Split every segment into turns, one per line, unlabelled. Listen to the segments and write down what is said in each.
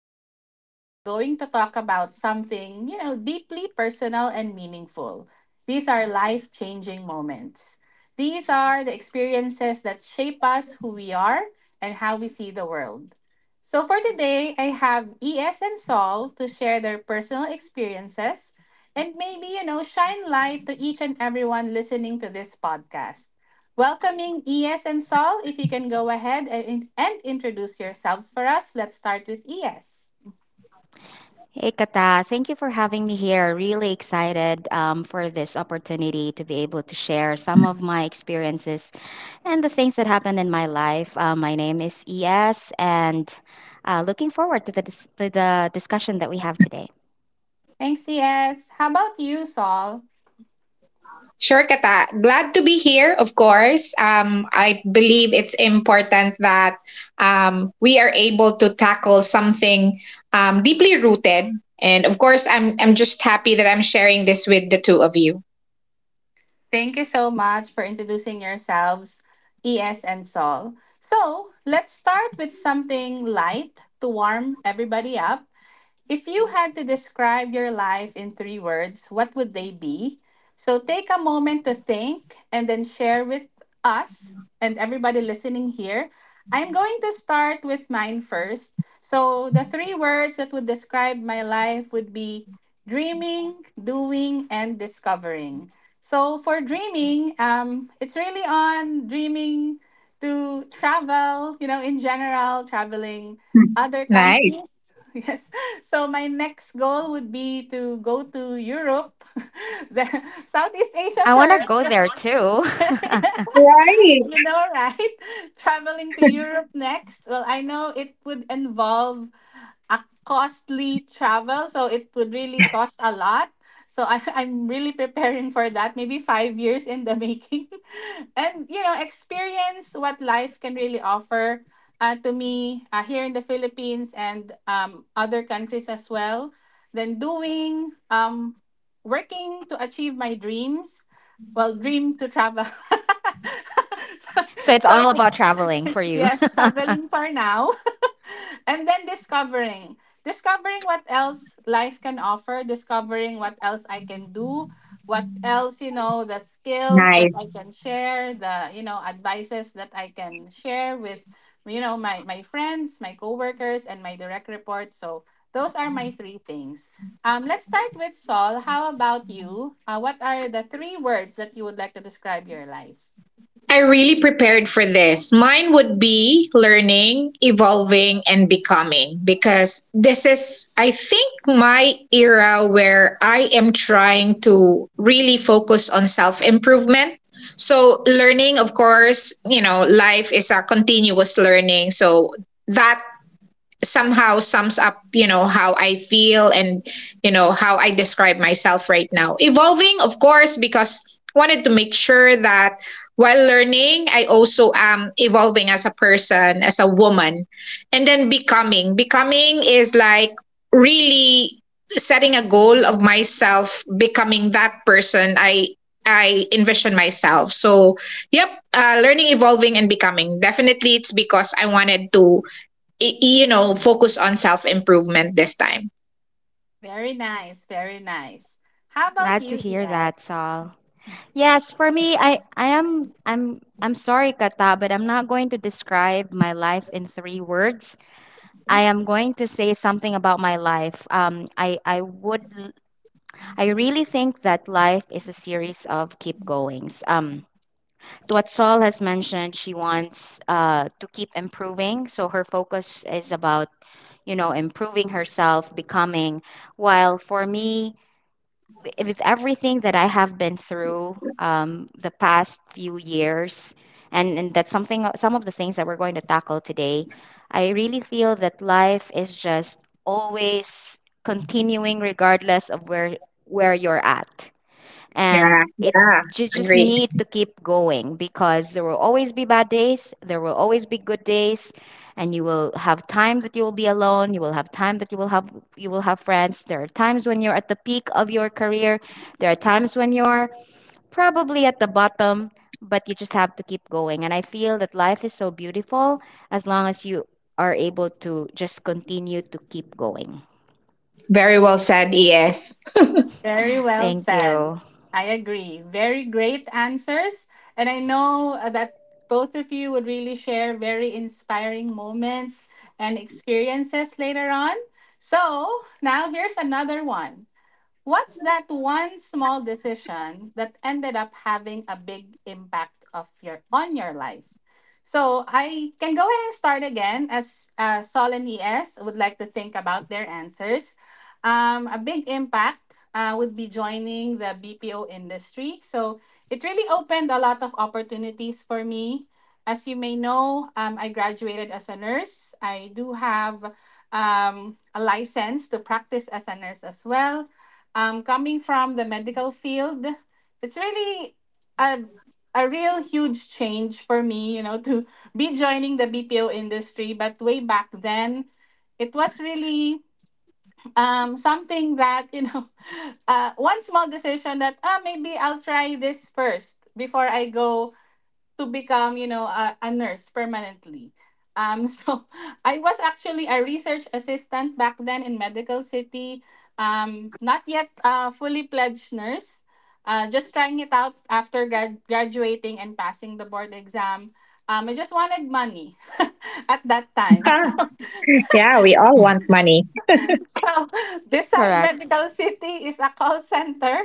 Today we are going to talk about something, you know, deeply personal and meaningful. These are life changing moments. These are the experiences that shape us, who we are, and how we see the world. So for today, I have ES and Saul to share their personal experiences and maybe, you know, shine light to each and everyone listening to this podcast. Welcoming ES and Saul, if you can go ahead and introduce yourselves for us. Let's start with ES.
Hey, Kata. Thank you for having me here. Really excited for this opportunity to be able to share some of my experiences and the things that happened in my life. My name is ES, and looking forward to to the discussion that we have today.
Thanks, ES. How about you, Saul?
Sure, Kata. Glad to be here, of course. I believe it's important that we are able to tackle something deeply rooted. And of course, I'm just happy that I'm sharing this with the two of you.
Thank you so much for introducing yourselves, ES and Saul. So let's start with something light to warm everybody up. If you had to describe your life in three words, what would they be? So take a moment to think and then share with us and everybody listening here. I'm going to start with mine first. So the three words that would describe my life would be dreaming, doing, and discovering. So for dreaming, it's really on dreaming to travel, you know, in general, traveling other
Nice.
countries. Yes. So my next goal would be to go to Europe, the Southeast Asia
I want to go
first.
there too.
Right.
You know, right? Traveling to Europe next. Well, I know it would involve a costly travel, so it would really cost a lot. So I, I'm really preparing for that, maybe five years in the making. And, you know, experience what life can really offer to me here in the Philippines and other countries as well. Then doing, working to achieve my dreams. Well, dream to travel.
So it's
so,
all about traveling for you.
yes, traveling for now, and then discovering, discovering what else life can offer, discovering what else I can do, what else, you know, the skills that
Nice.
I can share, the, you know, advices that I can share with, you know, my friends, my coworkers and my direct reports. So those are my three things. Let's start with Saul. How about you? What are the three words that you would like to describe your life?
I really prepared for this. Mine would be learning, evolving, and becoming because this is, I think, my era where I am trying to really focus on self improvement. So, learning, of course, you know, life is a continuous learning. So, that somehow sums up, you know, how I feel and you know how I describe myself right now. Evolving, of course, because wanted to make sure that while learning I also am evolving as a person, as a woman. And then becoming, becoming is like really setting a goal of myself becoming that person I envision myself. So yep, learning, evolving, and becoming, definitely, it's because I wanted to you know, focus on self improvement this time.
Very nice, very nice. How about
Glad to
you,
hear
ES?
that, Saul. Yes, for me, I'm sorry, Kata, but I'm not going to describe my life in three words. I am going to say something about my life. I would I really think that life is a series of keep goings. To what Saul has mentioned, she wants to keep improving, so her focus is about you know improving herself, becoming. While for me, with everything that I have been through the past few years, and that's something, some of the things that we're going to tackle today, I really feel that life is just always continuing regardless of where you're at,
Yeah,
and it,
yeah,
you just
agree.
need to keep going because there will always be bad days, there will always be good days, and you will have time that you will be alone, you will have time that you will have friends. There are times when you're at the peak of your career, there are times when you're probably at the bottom, but you just have to keep going, and I feel that life is so beautiful as long as you are able to just continue to keep going.
Very well said, ES.
Very well
Thank
said.
you.
I agree. Very great answers. And I know that both of you would really share very inspiring moments and experiences later on. So now here's another one. What's that one small decision that ended up having a big impact of your on your life? So I can go ahead and start again as Sol and ES would like to think about their answers. A big impact would be joining the BPO industry. So it really opened a lot of opportunities for me. As you may know, I graduated as a nurse. I do have a license to practice as a nurse as well. Coming from the medical field, it's really a a real huge change for me, you know, to be joining the BPO industry. But way back then, it was really something that, you know, one small decision that, ah, maybe I'll try this first before I go to become, you know, a nurse permanently. So I was actually a research assistant back then in Medical City. Not yet a fully pledged nurse. Just trying it out after graduating and passing the board exam. I just wanted money at that time. So
Yeah, we all want money,
so, beside
Correct.
Medical City is a call center.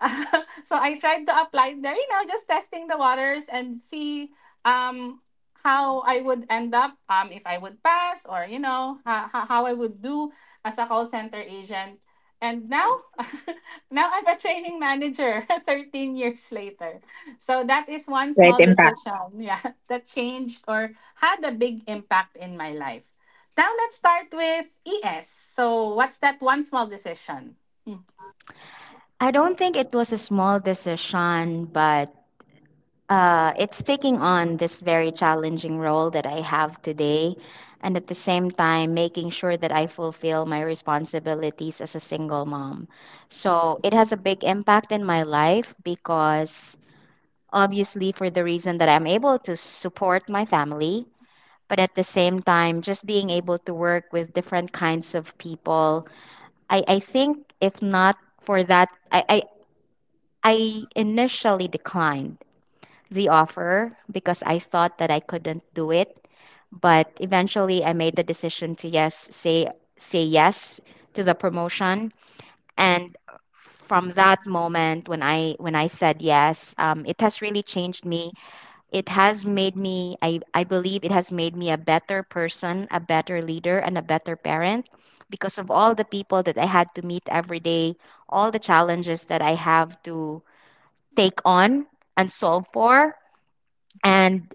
So I tried to apply there, you know, just testing the waters and see um, how I would end up, if I would pass, or, you know, how I would do as a call center agent. And now, now I'm a training manager 13 years later. So that is one
right?
small
Impact.
decision, yeah, that changed or had a big impact in my life. Now let's start with ES. So what's that one small decision? Mm.
I don't think it was a small decision, but it's taking on this very challenging role that I have today, and at the same time, making sure that I fulfill my responsibilities as a single mom. So it has a big impact in my life because obviously, for the reason that I'm able to support my family. But at the same time, just being able to work with different kinds of people, I think if not for that, I I initially declined the offer because I thought that I couldn't do it, but eventually I made the decision to say yes to the promotion, and from that moment when I said yes, it has really changed me. It has made me I believe it has made me a better person, a better leader and a better parent because of all the people that I had to meet every day, all the challenges that I have to take on and solve for. And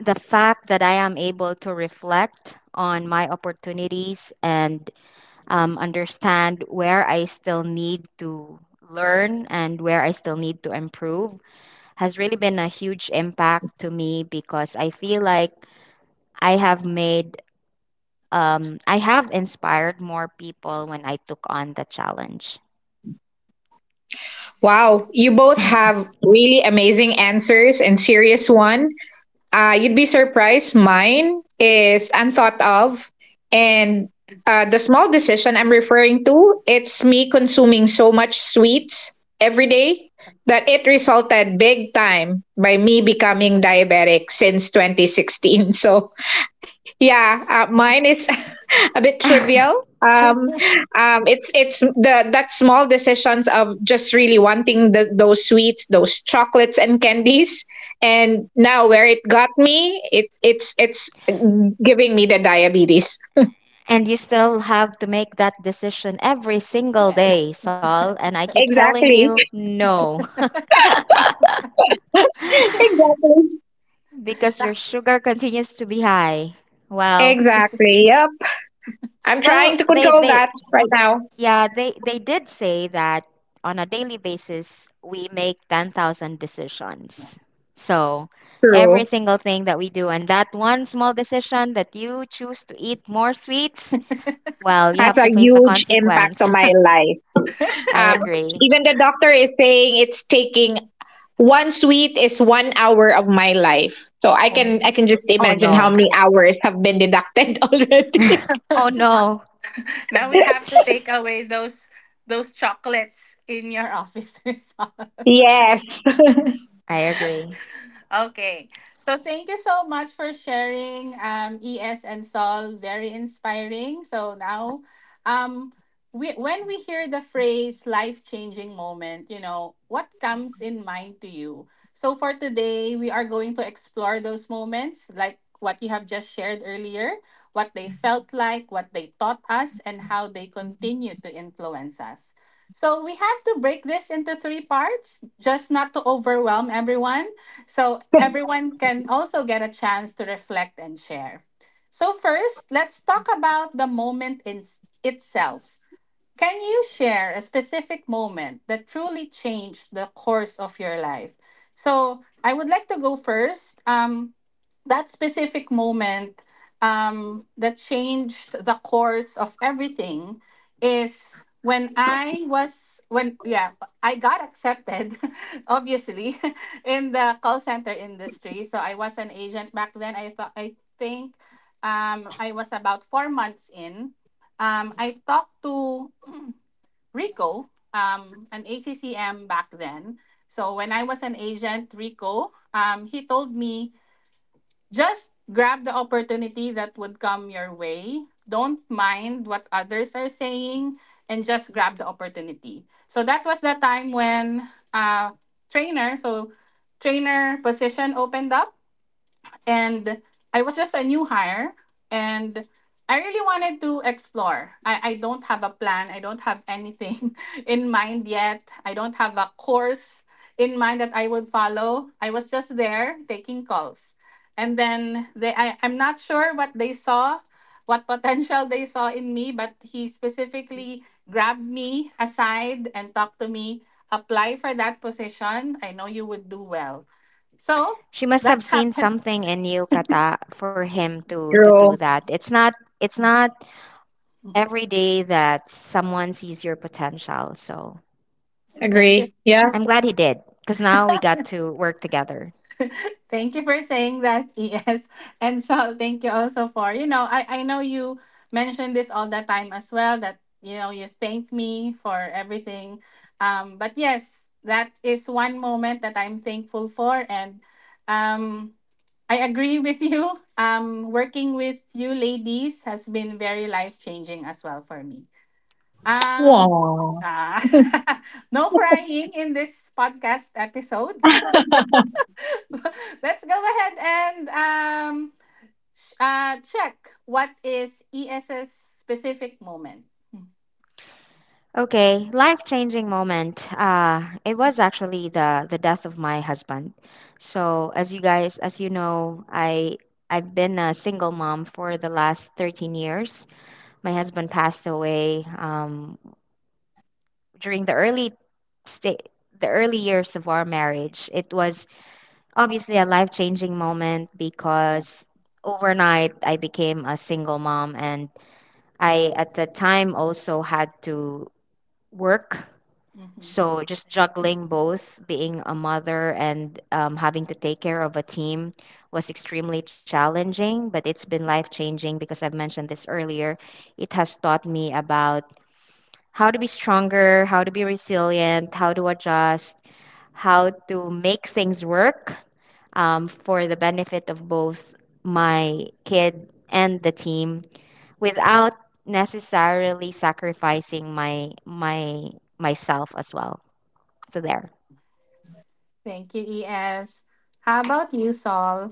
the fact that I am able to reflect on my opportunities and understand where I still need to learn and where I still need to improve has really been a huge impact to me because I feel like I have made, I have inspired more people when I took on the challenge.
Wow, you both have really amazing answers and serious one. You'd be surprised. Mine is unthought of. And the small decision I'm referring to, it's me consuming so much sweets every day that it resulted big time by me becoming diabetic since 2016. So yeah, mine it's a bit trivial. It's the that small decisions of just really wanting the, those sweets, those chocolates and candies. And now where it got me, it's it's giving me the diabetes.
And you still have to make that decision every single day,
Yes.
Saul. And I keep telling you,
Exactly.
no.
Exactly.
Because your sugar continues to be high. Well,
Exactly. Yep. I'm
well,
trying to
they
control
they
that right now.
yeah, they did say that on a daily basis we make 10,000
Yes.
decisions. So, every
True.
single thing that we do and that one small decision that you choose to eat more sweets, well, you
Has
have
a
to face the
huge impact
consequence.
on my life.
I
Um,
agree.
even the doctor is saying it's taking. One sweet is one hour of my life. So I can, I
And
can just
Oh
imagine how
no.
many hours have been deducted already.
Oh no,
now we have to take away those chocolates in your offices.
Yes,
I agree.
Okay. So thank you so much for sharing, um, ES and Sol. Very inspiring. So now, um we, when we hear the phrase life-changing moment, you know, what comes in mind to you? So for today, we are going to explore those moments like what you have just shared earlier, what they felt like, what they taught us, and how they continue to influence us. So we have to break this into three parts, just not to overwhelm everyone, so everyone can also get a chance to reflect and share. So, first, let's talk about the moment in itself. Can you share a specific moment that truly changed the course of your life? So I would like to go first. That specific moment that changed the course of everything is when yeah, I got accepted obviously in the call center industry. So I was an agent back then. I think, I was about four months in. I talked to Rico, an ACCM back then. So when I was an agent, Rico, he told me, just grab the opportunity that would come your way. Don't mind what others are saying, and just grab the opportunity. So that was the time when, uh trainer, so trainer position opened up, and I was just a new hire, and I really wanted to explore. I don't have a plan. I don't have anything in mind yet. I don't have a course in mind that I would follow. I was just there taking calls. And then they I'm not sure what they saw, what potential they saw in me, but he specifically grabbed me aside and talked to me. Apply for that position. I know you would do well. So
She must
that
have seen
happened.
something in you, Kata, for him to do
true.
that. It's not every day that someone sees your potential. So
Thank you.
Agree. Yeah.
I'm glad he did, because now we got to work together.
Thank you for saying that, ES. And so thank you also for, you know, I know you mentioned this all the time as well that, you know, you thank me for everything. But yes, that is one moment that I'm thankful for. And um, I agree with you. Working with you ladies has been very life changing as well for me. Um,
Wow.
ah, no crying in this podcast episode. Let's go ahead and, check what is ESS specific moment.
Okay, life-changing moment. It was actually the death of my husband. So as you guys, as you know, I've been a single mom for the last 13 years. My husband passed away during sta the early years of our marriage. It was obviously a life-changing moment
Yeah. Yeah.
because overnight I became a single mom, and I at the time also had to work.
Hmm.
So just juggling both being a mother and having to take care of a team was extremely challenging, but it's been life-changing because I've mentioned this earlier. It has taught me about how to be stronger, how to be resilient, how to adjust, how to make things work for the benefit of both my kid and the team without necessarily sacrificing my myself as well. So there.
Thank you, ES. How about you, Saul?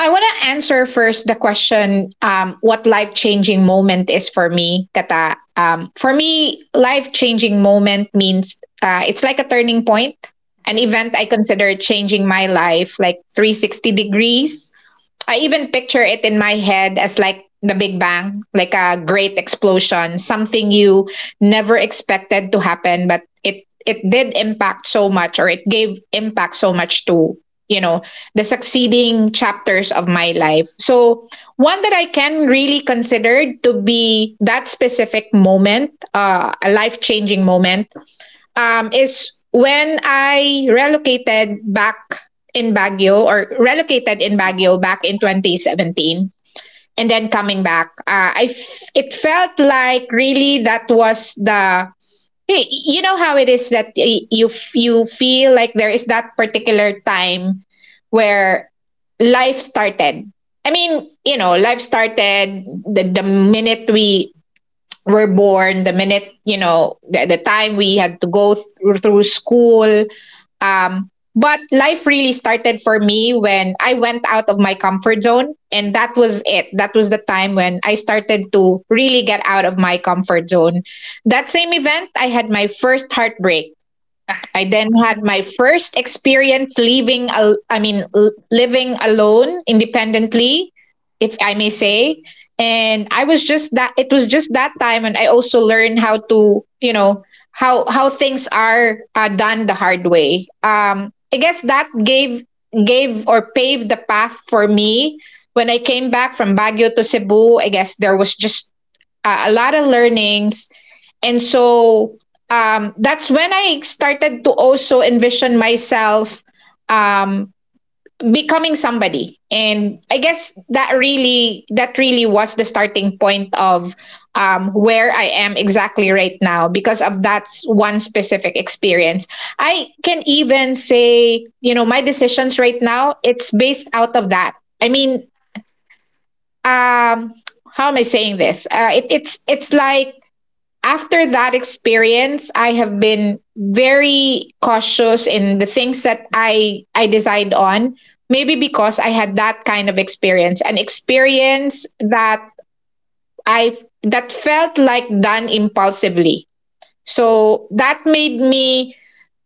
I want to answer first the question, what life changing moment is for me, Kata. For me, life changing moment means it's like a turning point, an
Mhm.
event I consider changing my life like 360 degrees. I even picture it in my head as like the Big Bang, like a great explosion, something you never expected to happen, but it did impact so much or it gave impact so much to, you know, the succeeding chapters of my life. So one that I can really consider to be that specific moment, a life-changing moment, is when I relocated back in Baguio or relocated in Baguio back in 2017, and then coming back. It felt like really that was the you know how it is that you feel like there is that particular time where life started. I mean, you know, life started the minute we were born, the minute, you know, the time we had to go through, through school. Um, but life really started for me when I went out of my comfort zone. And that was it. That was the time when I started to really get out of my comfort zone. That same event, I had my first heartbreak. I then had my first experience I mean living alone independently, if I may say. And I was just that, it was just that time, and I also learned how to, you know, how things are done the hard way. Um, I guess that gave or paved the path for me. When I came back from Baguio to Cebu, I guess there was just a lot of learnings. And so that's when I started to also envision myself um, becoming somebody. And I guess that really, that really was the starting point of where I am exactly right now because of that one specific experience. I can even say, you know, my decisions right now, it's based out of that. I mean, um, how am I saying this? It's like after that experience, I have been very cautious in the things that I decide on. Maybe because I had that kind of experience, an experience that I, that felt like done impulsively. So that made me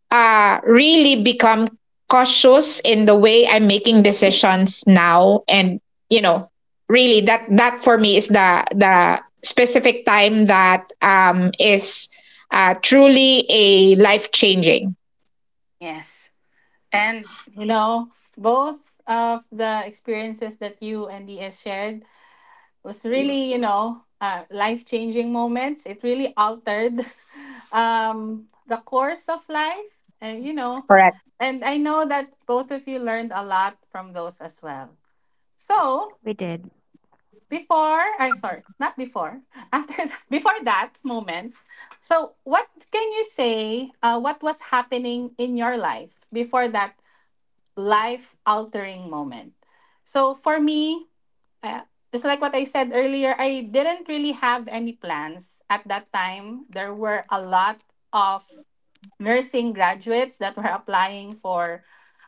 really become cautious in the way I'm making decisions now. And, you know, really that, that for me is the specific time that, is, truly a life changing.
Yes. And, you know, both of the experiences that you and DS shared was really, you know, life-changing moments. It really altered the course of life, and, you know,
Correct.
and I know that both of you learned a lot from those as well. So
We did.
before, I'm sorry, not before, after that, before that moment, so what can you say? What was happening in your life before that life altering moment? So for me, uh, just like what I said earlier, I didn't really have any plans at that time. There were a lot of nursing graduates that were applying for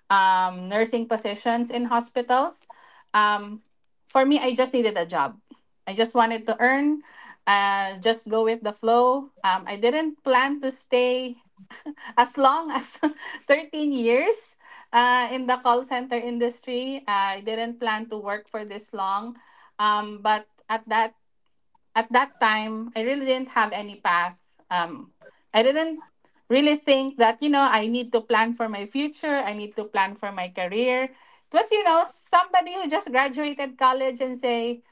nursing positions in hospitals. Um, for me, I just needed a job. I just wanted to earn, just go with the flow. I didn't plan to stay as long as 13 years in the call center industry. I didn't plan to work for this long, but at that time, I really didn't have any path. Um, I didn't really think that, you know, I need to plan for my future. I need to plan for my career. It was, you know, somebody who just graduated college and say.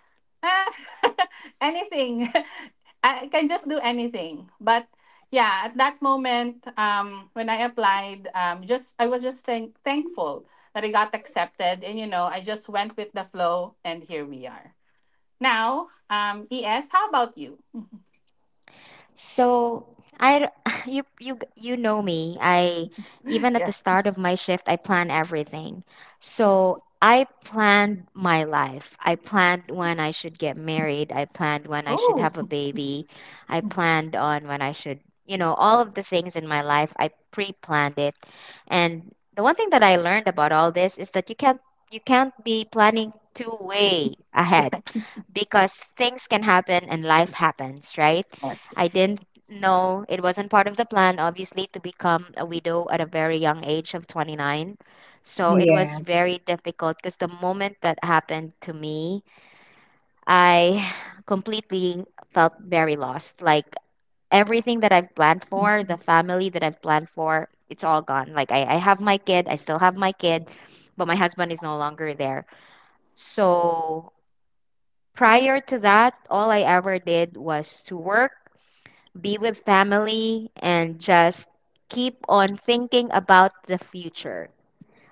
Ah, anything. I can just do anything. But yeah, at that moment, when I applied, just I was just thankful that I got accepted, and, you know, I just went with the flow, and here we are. Now, ES, how about you?
So I you know me. I even at the
Yes.
start of my shift, I plan everything. So I planned my life. I planned when I should get married. I planned when I should
Oh,
have a baby. I planned on when I should, you know, all of the things in my life. I pre-planned it. And the one thing that I learned about all this is that you can't be planning too way ahead
yes.
because things can happen and life happens, right? I didn't know it wasn't part of the plan, obviously, to become a widow at a very young age of 29. So it
Yeah.
was very difficult because the moment that happened to me, I completely felt very lost. Like everything that I've planned for, the family that I've planned for, it's all gone. Like I have my kid, I still have my kid, but my husband is no longer there. So prior to that, all I ever did was to work, be with family, and just keep on thinking about the future.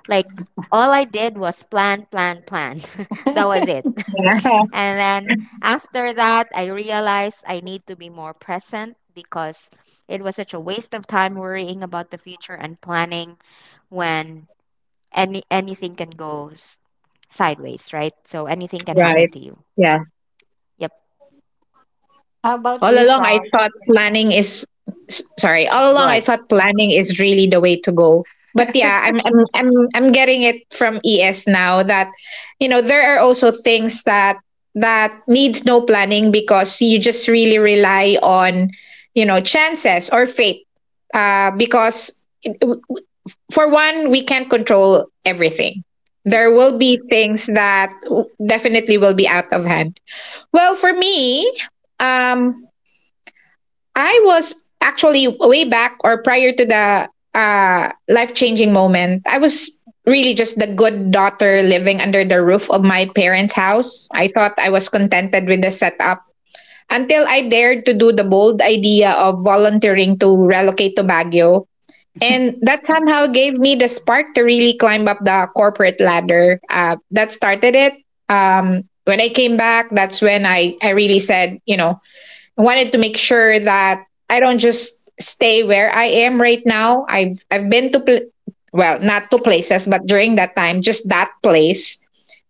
Like, all I did was plan, plan, plan. That was it. And then after that, I realized I need to be more present because it was such a waste of time worrying about the future and planning when anything can go sideways, right? So anything can happen
Right.
to you. Yep,
How about
All
you,
along, I
Saul?
thought planning is s- sorry. All along, I
good.
thought planning is really the way to go. But yeah, I'm getting it from ES now that you know there are also things that that needs no planning because you just really rely on, you know, chances or fate. Because for one, we can't control everything. There
Yes.
will be things that definitely will be out of hand. Well, for me, um, I was actually way back or prior to the life changing moment, I was really just the good daughter living under the roof of my parents' house. I thought I was contented with the setup until I dared to do the bold idea of volunteering to relocate to Baguio. And that somehow gave me the spark to really climb up the corporate ladder. That started it. When I came back, that's when I really said, you know, I wanted to make sure that I don't just stay where I am right now. I've been to well, not to places, but during that time, just that place.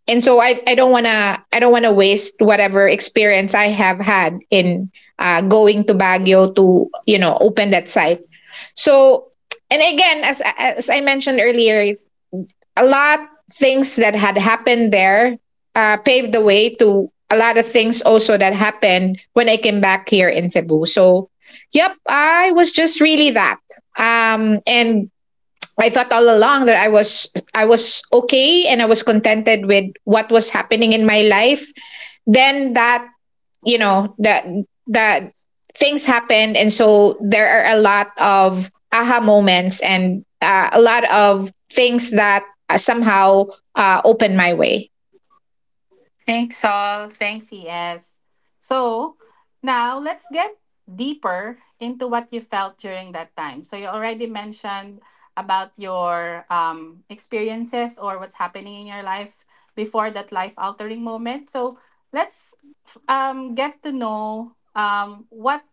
And so I don't wanna, I don't wanna waste whatever experience I have had in going to Baguio to, you know, open that site. So, and again, as I mentioned earlier, a lot things that had happened there paved the way to a lot of things also that happened when I came back here in Cebu. So, yep, I was just really that. And I thought all along that I was okay and I was contented with what was happening in my life. Then that, you know, that things happened. And so there are a lot of aha moments and a lot of things that somehow opened my way.
Thanks, all. Thanks, ES. So now let's get deeper into what you felt during that time. So you already mentioned about your experiences or what's happening in your life before that life altering moment. So let's get to know, what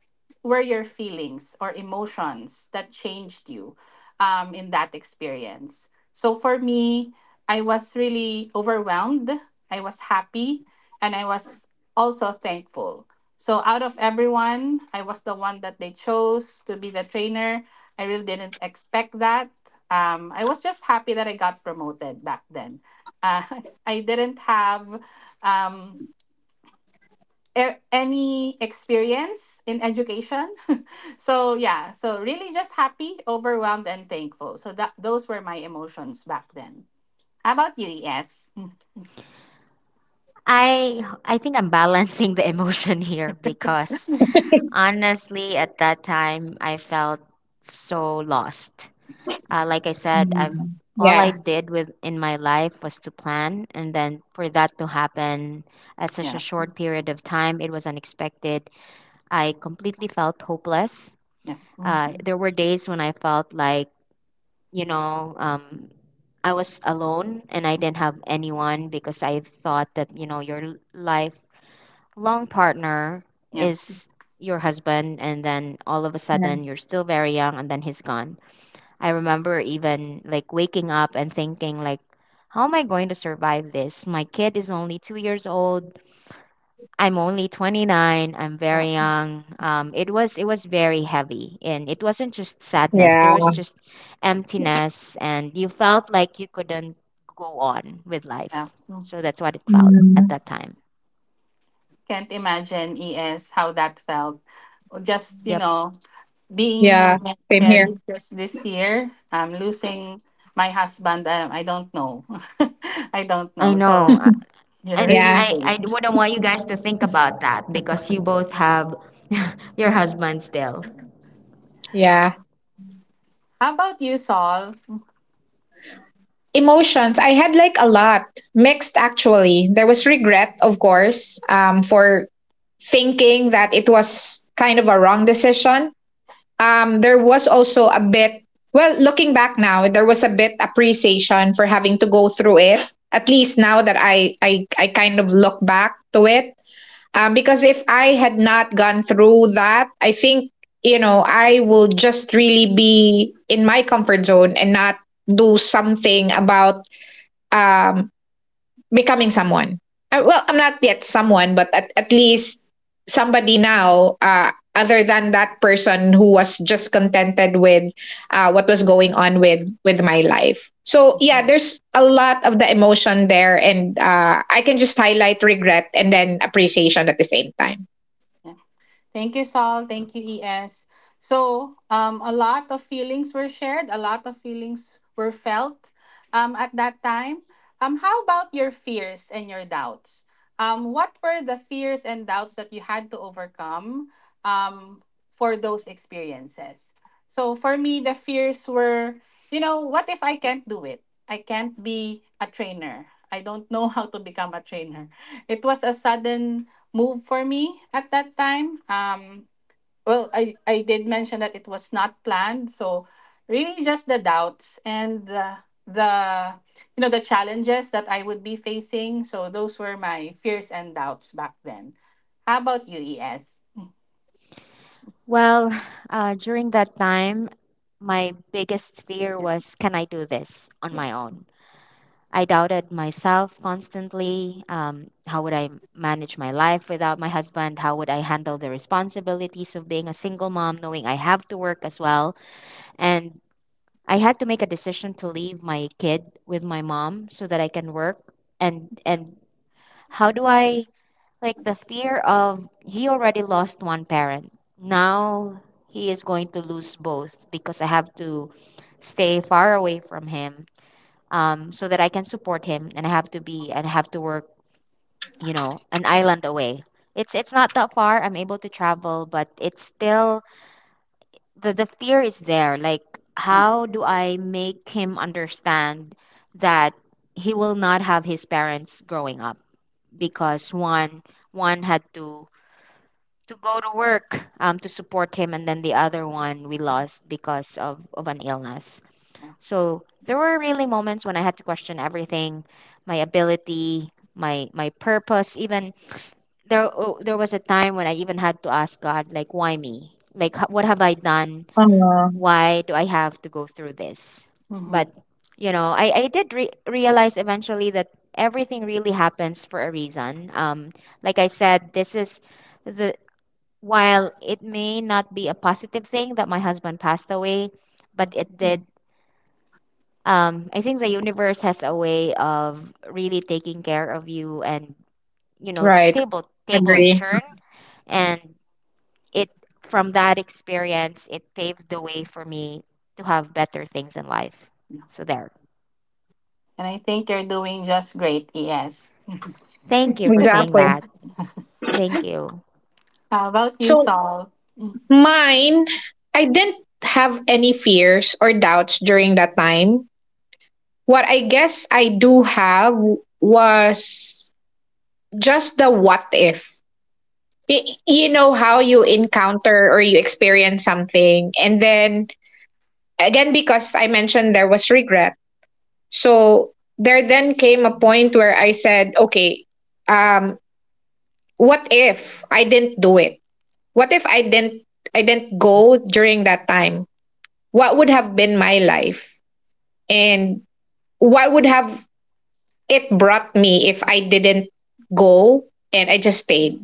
were your feelings or emotions that changed you in that experience. So for me, I was really overwhelmed. I was happy, and I was also thankful. So out of everyone, I was the one that they chose to be the trainer. I really didn't expect that. I was just happy that I got promoted back then. Uh, I didn't have um, any experience in education. So yeah, so really just happy, overwhelmed, and thankful. So that those were my emotions back then. How about you? Yes.
I think I'm balancing the emotion here because honestly, at that time, I felt so lost. Like I said, I've
Mm,
all I
yeah.
did with in my life was to plan, and then for that to happen at such a
Yeah.
short period of time, it was unexpected. I completely felt hopeless.
Yeah. mhm,
There were days when I felt like, you know, um, I was alone and I didn't have anyone because I thought that, you know, your life long partner
Yeah.
is your husband and then all of a sudden you're still very young and then he's gone. I remember even like waking up and thinking like how am I going to survive this? My kid is only 2 years old. I'm only 29. I'm
Yeah.
very young. It was very heavy and it wasn't just sadness.
Yeah.
There was just emptiness and you felt like you couldn't go on with
yeah.
life.
mm.
So that's what it felt at
Mm,
that time.
Can't imagine ES how that felt. Just you
Yep.
know, being
yeah, same here.
married just this year, losing my husband. I don't know. I don't
I
know. So
know.
yeah,
And
Yeah,
really.
I,
Big.
I wouldn't want you guys to think about that because you both have your husband still.
yeah.
How about you, Saul?
Emotions I had, like, a lot, mixed, actually. There was regret, of course, for thinking that it was kind of a wrong decision. Um, there was also a bit, well, looking back now, there was a bit appreciation for having to go through it. At least now that I kind of look back to it. Because if I had not gone through that, I think, you know, I will just really be in my comfort zone and not do something about um becoming someone. Well, I'm not yet someone, but at least somebody now, other than that person who was just contented with what was going on with my life. So yeah, there's a lot of the emotion there, and I can just highlight regret and then appreciation at the same time.
Yeah. Thank you, Saul. Thank you, ES. So, a lot of feelings were shared, a lot of feelings were felt at that time. How about your fears and your doubts? What were the fears and doubts that you had to overcome um, for those experiences? So, for me, the fears were, you know, what if I can't do it? I can't be a trainer. I don't know how to become a trainer. It was a sudden move for me at that time. Well, I did mention that it was not planned. So, really, just the doubts and the you know the challenges that I would be facing. So those were my fears and doubts back then. How about you, ES?
Well, during that time, my biggest fear
Yeah.
was, can I do this on my
Yes.
own? I doubted myself constantly. How would I manage my life without my husband? How would I handle the responsibilities of being a single mom, knowing I have to work as well? And I had to make a decision to leave my kid with my mom so that I can work and how do I, like, the fear of he already lost one parent. Now he is going to lose both because I have to stay far away from him, so that I can support him, and I have to be and I have to work, you know, an island away. It's not that far. I'm able to travel, but it's still the fear is there. Like,
Um,
how do I make him understand that he will not have his parents growing up because one had to go to work to support him and then the other one we lost because of an illness.
yeah.
So there were really moments when I had to question everything. My ability, my purpose even. There, oh, there was a time when I even had to ask God, like, why me? Like, what have I done?
Uh,
Why do I have to go through this? But
Mm-hmm.
you know I did realize eventually that everything really happens for a reason. Like I said, this is the while it may not be a positive thing that my husband passed away, but it
Mm-hmm.
did. I think the universe has a way of really taking care of you, and you know,
right.
table tables
Yes.
Agree.
turn, and it from that experience, it paved the way for me to have better things in life. So there.
And I think you're doing just great, ES.
Thank you for saying
Exactly.
that. Thank you.
How about you,
So,
Saul?
mine, I didn't have any fears or doubts during that time. What I guess I do have was just the what if. You know how you encounter or you experience something, and then again, because I mentioned there was regret. So there then came a point where I said, okay, um, what if I didn't do it? What if I didn't go during that time? What would have been my life, and what would have it brought me if I didn't go and I just stayed.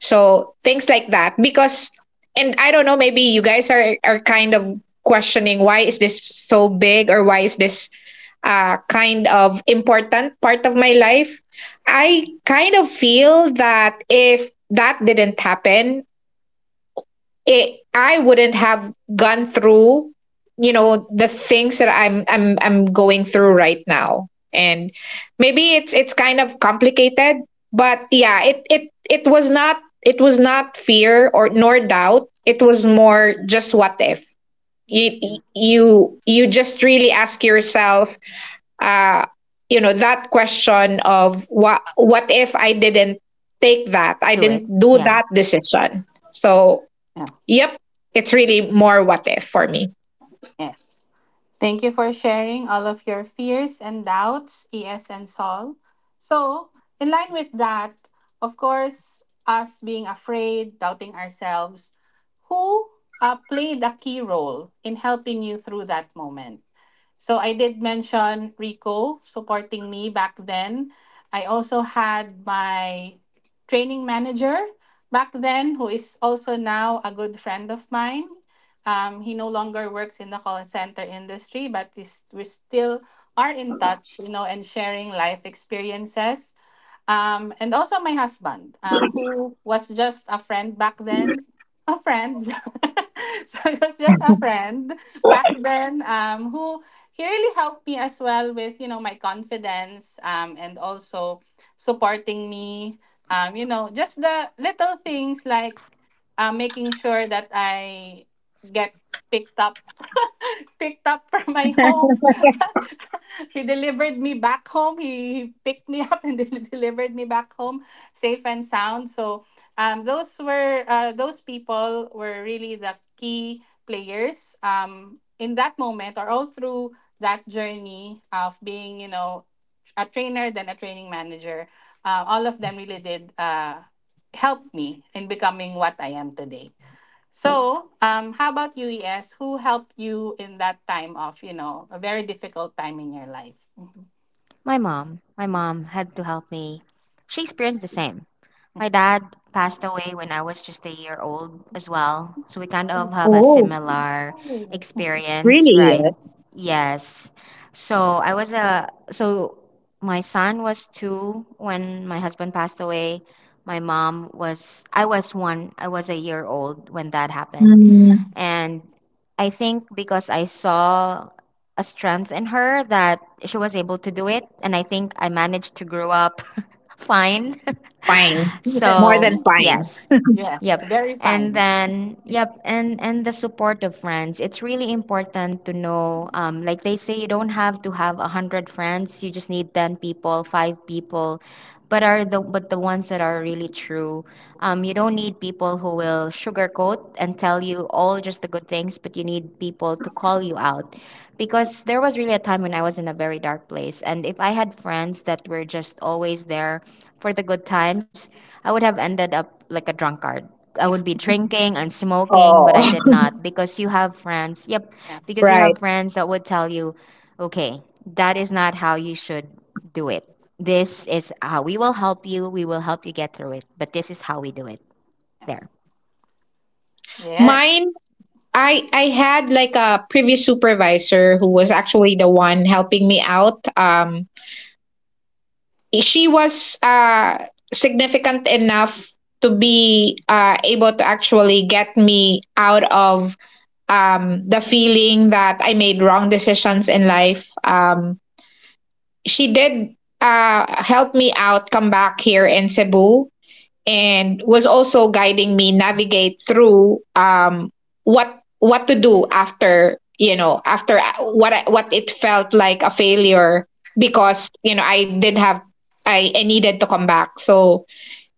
So things like that, because, and I don't know, maybe you guys are kind of questioning why is this so big or why is this kind of important part of my life. I kind of feel that if that didn't happen, it, I wouldn't have gone through, you know, the things that I'm going through right now. And maybe it's kind of complicated, but yeah, it was not, it was not fear or nor doubt. It was more just what if. You just really ask yourself, uh, you know, that question of what if I didn't take that? I
Do it.
didn't do
Yeah.
that decision. So
Yeah.
yep. It's really more what if for me.
Yes. Thank you for sharing all of your fears and doubts, ES and Sol. So, in line with that, of course, us being afraid, doubting ourselves, who played a key role in helping you through that moment? So, I did mention Rico supporting me back then. I also had my training manager back then, who is also now a good friend of mine. He no longer works in the call center industry, but is, we still are in touch, you know, and sharing life experiences. And also my husband, who was just a friend back then. A friend. So he was just a friend back then, who he really helped me as well with, you know, my confidence, and also supporting me. You know, just the little things like making sure that I get picked up picked up from my home he delivered me back home. He picked me up and then delivered me back home safe and sound. So um, those people were really the key players in that moment or all through that journey of being, you know, a trainer then a training manager. All of them really did help me in becoming what I am today. So, how about UES? Who helped you in that time of, you know, a very difficult time in your life?
My mom had to help me. She experienced the same. My dad passed away when I was just a year old as well. So we kind of have a
Oh,
similar
Oh.
experience, right?
really?
Yes. So my son was two when my husband passed away. I was a year old when that happened.
Mm,
And I think because I saw a strength in her that she was able to do it. And I think I managed to grow up fine.
fine.
Yes,
More than
So,
fine.
yes.
yes,
Yep.
very
And
fine.
then, yep, and the support of friends. It's really important to know, like they say, you don't have to have a hundred friends. You just need 10 people, five people, but the ones that are really true. You don't need people who will sugarcoat and tell you all just the good things, but you need people to call you out. Because there was really a time when I was in a very dark place, and if I had friends that were just always there for the good times, I would have ended up like a drunkard. I would be drinking and smoking,
Oh,
but I did not because you have friends. Yep,
Yeah,
because you
right.
have friends that would tell you, okay, that is not how you should do it. This is how we will help you. We will help you get through it, but this is how we do it.
yeah.
There.
There.
Mine, I had like a previous supervisor who was actually the one helping me out. Um, she was significant enough to be able to actually get me out of the feeling that I made wrong decisions in life. She did help me out, come back here in Cebu, and was also guiding me navigate through, what to do after, you know, after what I, what it felt like a failure, because, you know, I did have I needed to come back. So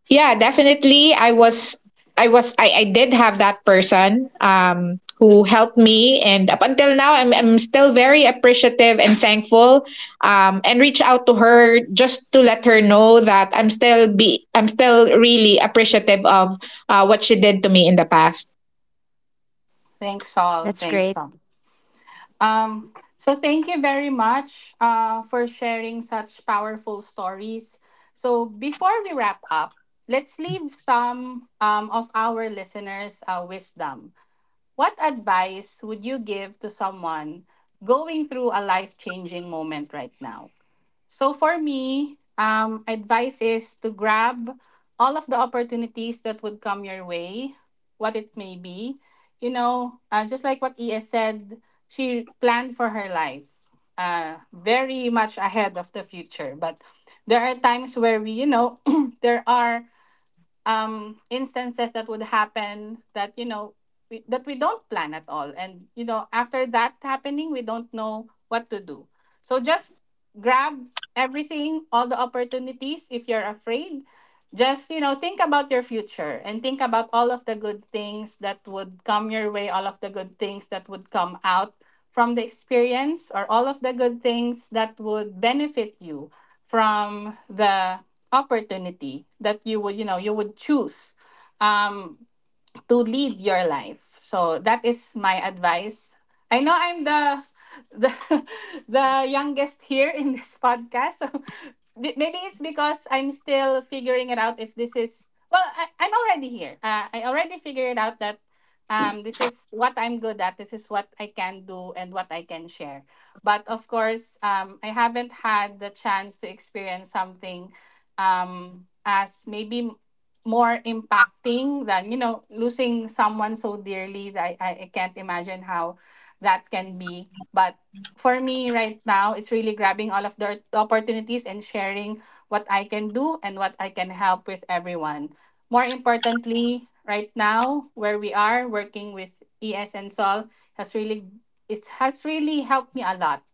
yeah, definitely. I was, I did have that person who helped me, and up until now I'm still very appreciative and thankful and reach out to her just to let her know that I'm still really appreciative of what she did to me in the past.
Thanks all.
That's
Thanks
great.
all. So thank you very much for sharing such powerful stories. So before we wrap up, let's leave some of our listeners wisdom. What advice would you give to someone going through a life changing moment right now? So, for me, advice is to grab all of the opportunities that would come your way, what it may be. You know, just like what ES said, she planned for her life very much ahead of the future. But there are times where we, you know, there are instances that would happen that you know that we don't plan at all, and you know after that happening we don't know what to do, so just grab everything, all the opportunities. If you're afraid, just you know think about your future and think about all of the good things that would come your way, all of the good things that would come out from the experience, or all of the good things that would benefit you from the opportunity that you would you know you would choose Um, to lead your life. So that is my advice. I know I'm the, the youngest here in this podcast. So maybe it's because I'm still figuring it out if this is well, I'm already here. I already figured out that this is what I'm good at, this is what I can do and what I can share. But of course, I haven't had the chance to experience something as maybe more impacting than you know losing someone so dearly that I can't imagine how that can be, but for me right now it's really grabbing all of the opportunities and sharing what I can do and what I can help with everyone. More importantly right now where we are working with ES and Sol has really, it has really helped me a lot,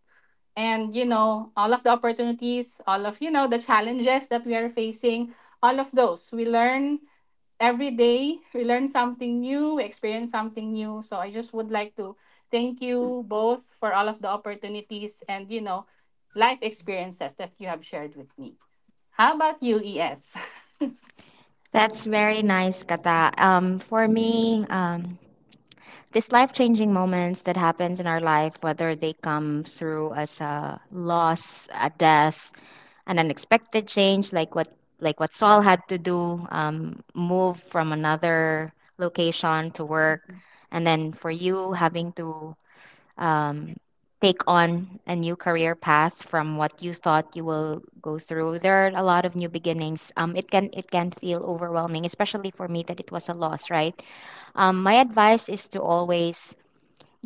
and you know all of the opportunities, all of you know the challenges that we are facing, all of those we learn, every day we learn something new, we experience something new. So I just would like to thank you both for all of the opportunities and you know life experiences that you have shared with me. How about you, ES?
That's very nice, Kata. For me, these life-changing moments that happens in our life, whether they come through as a loss, a death, an unexpected change like what Saul had to do, move from another location to work, and then for you having to um, take on a new career path from what you thought you will go through. There are a lot of new beginnings. It can feel overwhelming, especially for me that it was a loss, right? My advice is to always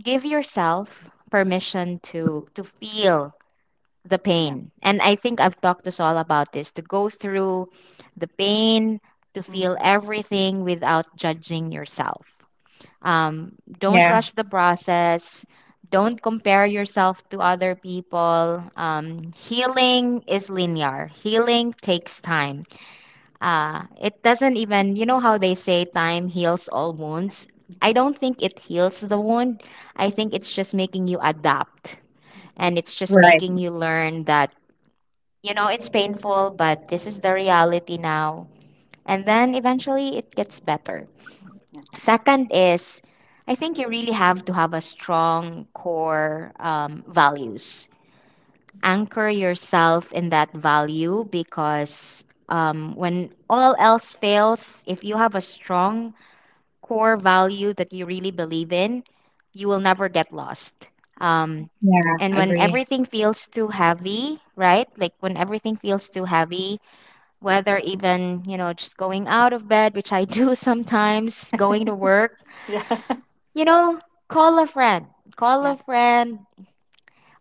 give yourself permission to feel the
Yeah.
pain. And I think I've talked us all about this to go through the pain, to feel
Mhm.
everything without judging yourself. Don't
Yeah,
rush the process. Don't compare yourself to
Yeah.
other people. Healing is linear. Healing takes time. It doesn't even, you know how they say time heals all
Yeah.
wounds? I don't think it heals the wound. I think it's just making you adapt
Mhm.
and it's just
right.
making you learn that, you know, it's painful, but this is the reality now. And then eventually it gets better.
Yeah.
Second is, I think you really have to have a strong core values. Anchor yourself in that value because when all else fails, if you have a strong core value that you really believe in, you will never get lost.
Yeah.
Um,
Yeah,
and when
agree.
everything feels too heavy, right? Like when everything feels too heavy, whether even, you know, just going out of bed, which I do sometimes, going to work,
Yeah.
you know, call a friend, call
Yeah.
a friend,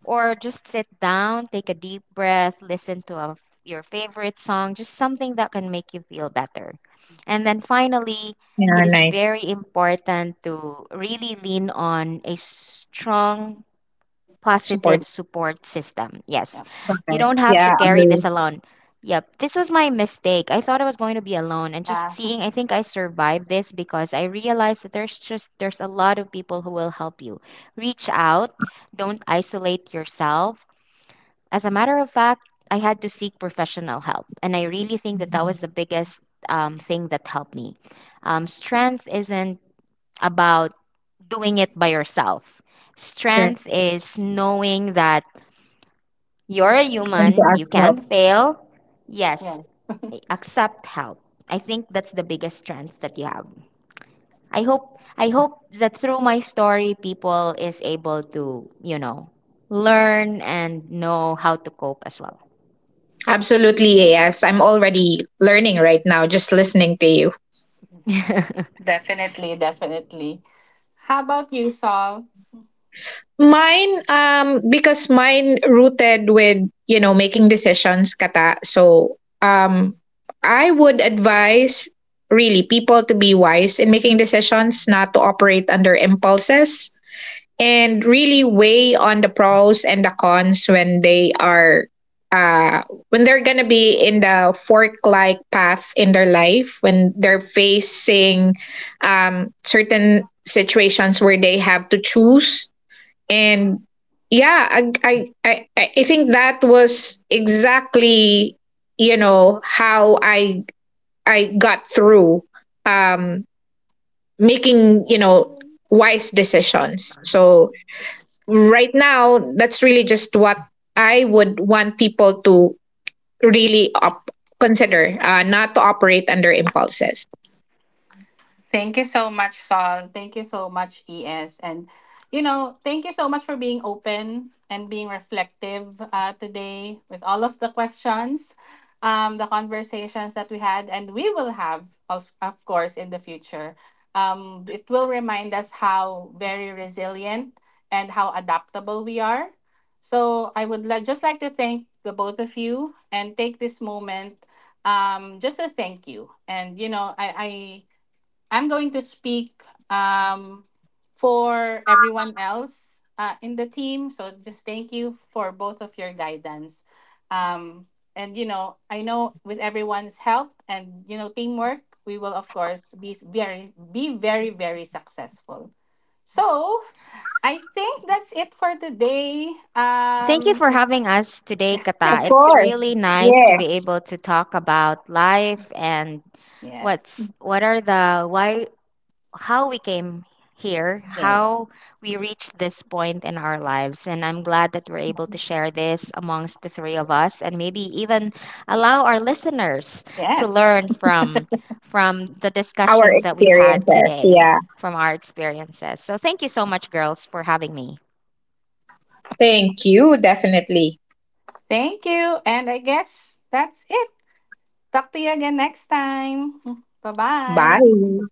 or just sit down, take a deep breath, listen to a, your favorite song, just something that can make you feel better. And then finally,
Yeah,
it is
nice.
very important to really lean on a strong
Support.
positive support system. Yes.
Yeah.
You
Okay.
don't
Mm-hmm.
have
Yeah,
to carry this
agree.
alone. Yep. This was my mistake. I thought I was going to be alone and just
Yeah.
seeing I think I survived this because I realized that there's a lot of people who will help you. Reach out. Don't isolate yourself. As a matter of fact, I had to seek professional help and I really think that that was the biggest thing that helped me. Strength isn't about doing it by yourself.
Correct.
Strength is knowing that you're a
I need to
human,
ask
you
help.
can fail. Yes,
Yeah.
accept help. I think that's the biggest strength that you have. I hope that through my story people is able to, you know, learn and know how to cope as well.
Absolutely, yes. I'm already learning right now just listening to you.
Definitely. Definitely. How about you, Saul?
Mine, because mine rooted with, you know, making decisions, kata. So, um, I would advise really people to be wise in making decisions, not to operate under impulses, and really weigh on the pros and the cons when they are, uh, when they're gonna be in the fork-like path in their life, when they're facing, certain situations where they have to choose. And yeah, I think that was exactly, you know, how I got through um making, you know, wise decisions. So right now, that's really just what I would want people to really consider, not to operate under impulses.
Thank you so much, Saul. Thank you so much, ES. And, you know, thank you so much for being open and being reflective today with all of the questions, the conversations that we had, and we will have, of course, in the future. It will remind us how very resilient and how adaptable we are. So I would like just like to thank the both of you and take this moment just to thank you. And, you know, I'm going to speak um, for everyone else in the team. So just thank you for both of your guidance. Um, and, you know, I know with everyone's help and, you know, teamwork, we will, of course, be very, very successful. So I think that's it for today.
Thank you for having us today,
Of
Kata. It's
course.
really nice to
Yeah.
be able to talk about life and
Yes.
what's what are the why how we came here,
Right.
how we reached this point in our lives. And I'm glad that we're able to share this amongst the three of us and maybe even allow our listeners to
Yes.
learn from the
Our
discussions that we've had
experiences.
today,
Yeah.
from our experiences. So thank you so much, girls, for having me.
Thank you, definitely.
Thank you. And I guess that's it. Talk to you again next time. Bye-bye.
Bye.